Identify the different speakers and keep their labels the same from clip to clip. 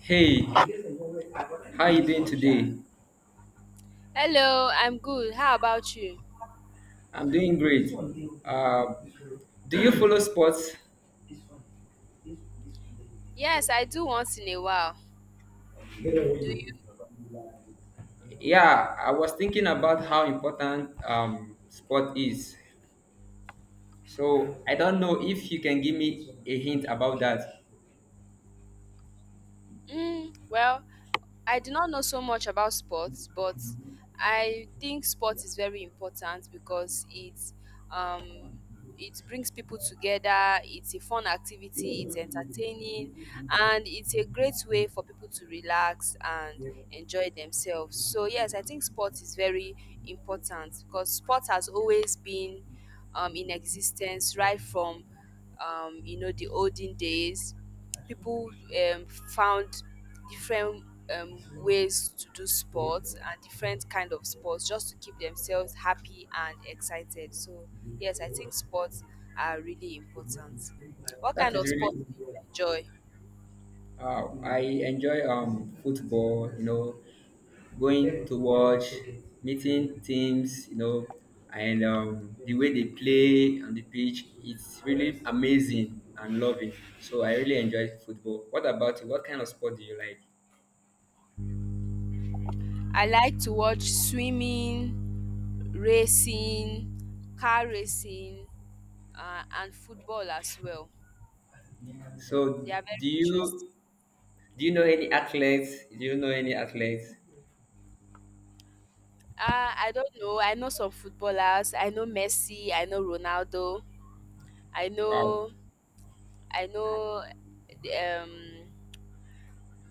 Speaker 1: Hey, how you doing today?
Speaker 2: Hello, I'm good. How about you?
Speaker 1: I'm doing great. Uh, do you follow sports?
Speaker 2: Yes, I do once in a while. Do you?
Speaker 1: Yeah, I was thinking about how important sport is. So I don't know if you can give me a hint about that.
Speaker 2: Mm, well, I do not know so much about sports, but I think sport is very important because um it brings people together, it's a fun activity, it's entertaining, and it's a great way for people to relax and enjoy themselves. So yes, I think sport is very important because sport has always been in existence right from you know the olden days people um, found different ways to do sports and different kind of sports just to keep themselves happy and excited. So yes, I think sports are really important. What
Speaker 1: That
Speaker 2: kind
Speaker 1: is
Speaker 2: of sports
Speaker 1: really.
Speaker 2: do you enjoy?
Speaker 1: I enjoy football, you know, going to watch, meeting teams, you know, and the way they play on the pitch, it's really amazing and loving. So I really enjoy football. What about you? What kind of sport do you like?
Speaker 2: I like to watch swimming, racing, car racing, and football as well.
Speaker 1: So
Speaker 2: They are very
Speaker 1: do
Speaker 2: interesting.
Speaker 1: you do you know any athletes? Do you know any athletes?
Speaker 2: I don't know. I know some footballers. I know Messi, I know Ronaldo. I
Speaker 1: Wow,
Speaker 2: know I know um,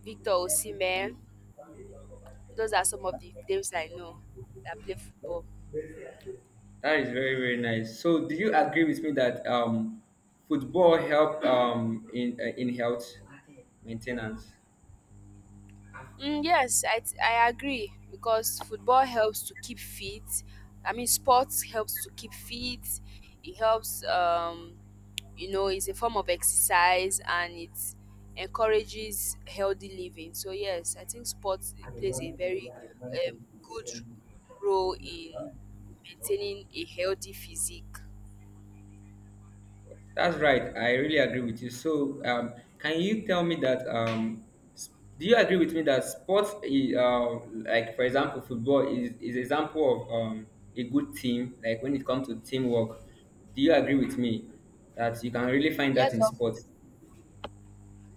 Speaker 2: Victor Osimhen. Those are some of the names I know that play football.
Speaker 1: that is very very nice. So do you agree with me that football help in health maintenance?
Speaker 2: Mm, yes, I agree because football helps to keep fit. I mean, sports helps to keep fit. It helps, you know, it's a form of exercise and it encourages healthy living. So yes, I think sports plays a very good role in maintaining a healthy physique.
Speaker 1: That's right. I really agree with you. So, can you tell me that? S- do you agree with me that sports, like for example, football is example of a good team. Like when it comes to teamwork, do you agree with me that you can really find that
Speaker 2: Yes,
Speaker 1: in
Speaker 2: of
Speaker 1: sports?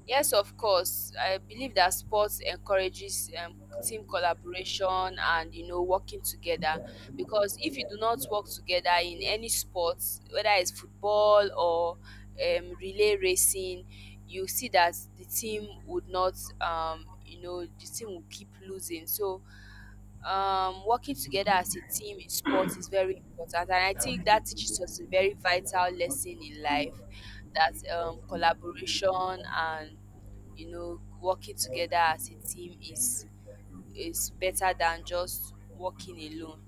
Speaker 2: Yes, of course. I believe that sports encourages team collaboration and you know working together, because if you do not work together in any sports, whether it's football or relay racing, you see that the team would not, you know, the team will keep losing. So working together as a team in sports is very important, and I think that teaches us a very vital lesson in life, that collaboration and you know working together as a team is better than just working alone.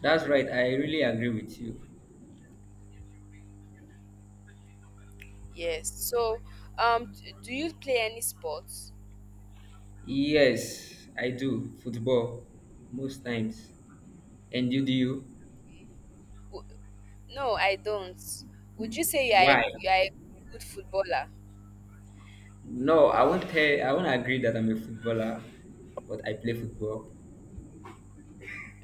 Speaker 1: That's right. I really agree with you.
Speaker 2: Yes. So, do you play any sports?
Speaker 1: Yes, I do football most times. And you do you?
Speaker 2: W- No, I don't. Would you say
Speaker 1: Why?
Speaker 2: you are a good footballer?
Speaker 1: No, I won't tell. I won't agree that I'm a footballer, but I play football.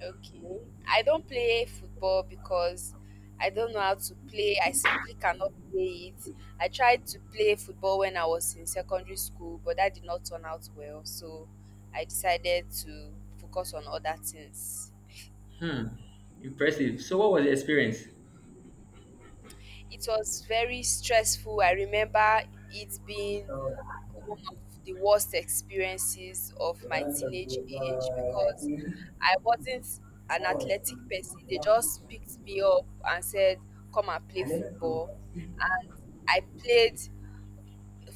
Speaker 2: Okay. I don't play football because I don't know how to play. I simply cannot play it. I tried to play football when I was in secondary school, but that did not turn out well. So I decided to focus on other things.
Speaker 1: Hmm. Impressive. So, what was the experience?
Speaker 2: It was very stressful. I remember it being one of the worst experiences of my teenage age because I wasn't an athletic person. They just picked me up and said, "Come and play football." And I played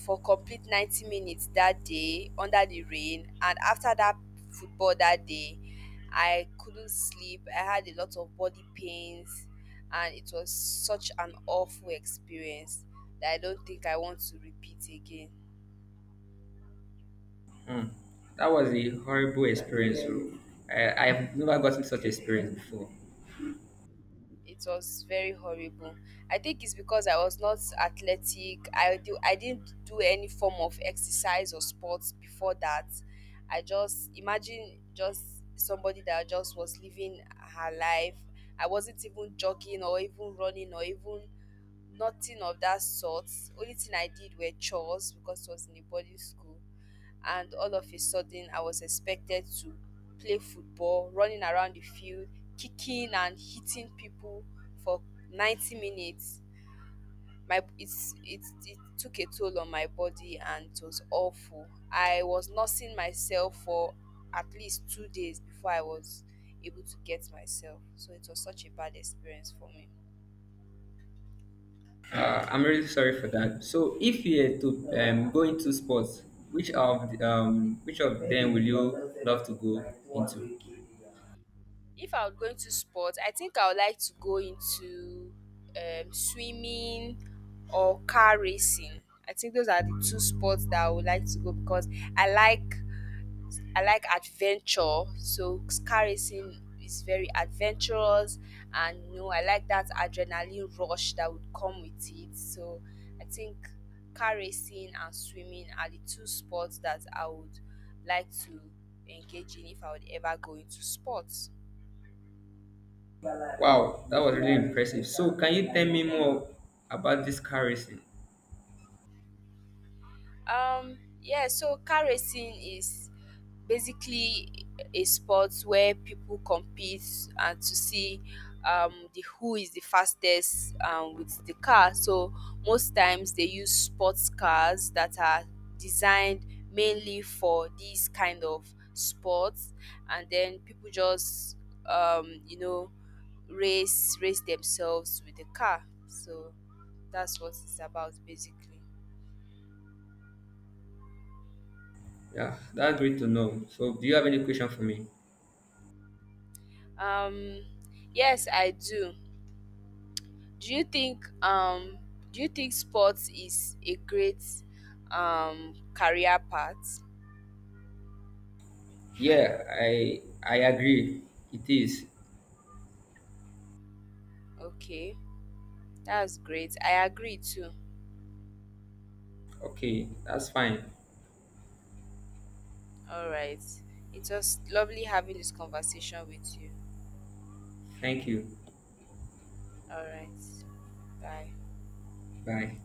Speaker 2: for complete 90 minutes that day under the rain. And after that football that day, I couldn't sleep. I had a lot of body pains, and it was such an awful experience that I don't think I want to repeat again.
Speaker 1: Hmm. That was a horrible experience. Oh. I've never gotten such experience before.
Speaker 2: It was very horrible. I think it's because I was not athletic. I didn't do any form of exercise or sports before that. I just imagine just somebody that just was living her life. I wasn't even jogging or even running or even nothing of that sort. Only thing I did were chores because it was in a boarding school, and all of a sudden I was expected to play football, running around the field, kicking and hitting people for 90 minutes. It took a toll on my body and it was awful. I was nursing myself for at least 2 days before I was able to get myself. So it was such a bad experience for me.
Speaker 1: I'm really sorry for that. So, if you had to go into sports, which of them will you love to go into?
Speaker 2: If I was going to sport, I think I would like to go into swimming or car racing. I think those are the two sports that I would like to go because I like I like adventure, so car racing is very adventurous, and you know I like that adrenaline rush that would come with it. So I think car racing and swimming are the two sports that I would like to engage in if I would ever go into sports.
Speaker 1: Wow, that was really impressive. So, can you tell me more about this car racing?
Speaker 2: Yeah, so car racing is basically a sport where people compete and to see, the who is the fastest with the car. So most times they use sports cars that are designed mainly for these kind of sports, and then people just you know race themselves with the car. So that's what it's about basically.
Speaker 1: Yeah, that's great to know. So, do you have any question for me?
Speaker 2: Um, yes, I do. Do you think um do you think sports is a great career path?
Speaker 1: Yeah, I agree. It is.
Speaker 2: Okay, that's great. I agree too.
Speaker 1: Okay, that's fine.
Speaker 2: All right. It was lovely having this conversation with you.
Speaker 1: Thank you.
Speaker 2: All right. Bye.
Speaker 1: Bye.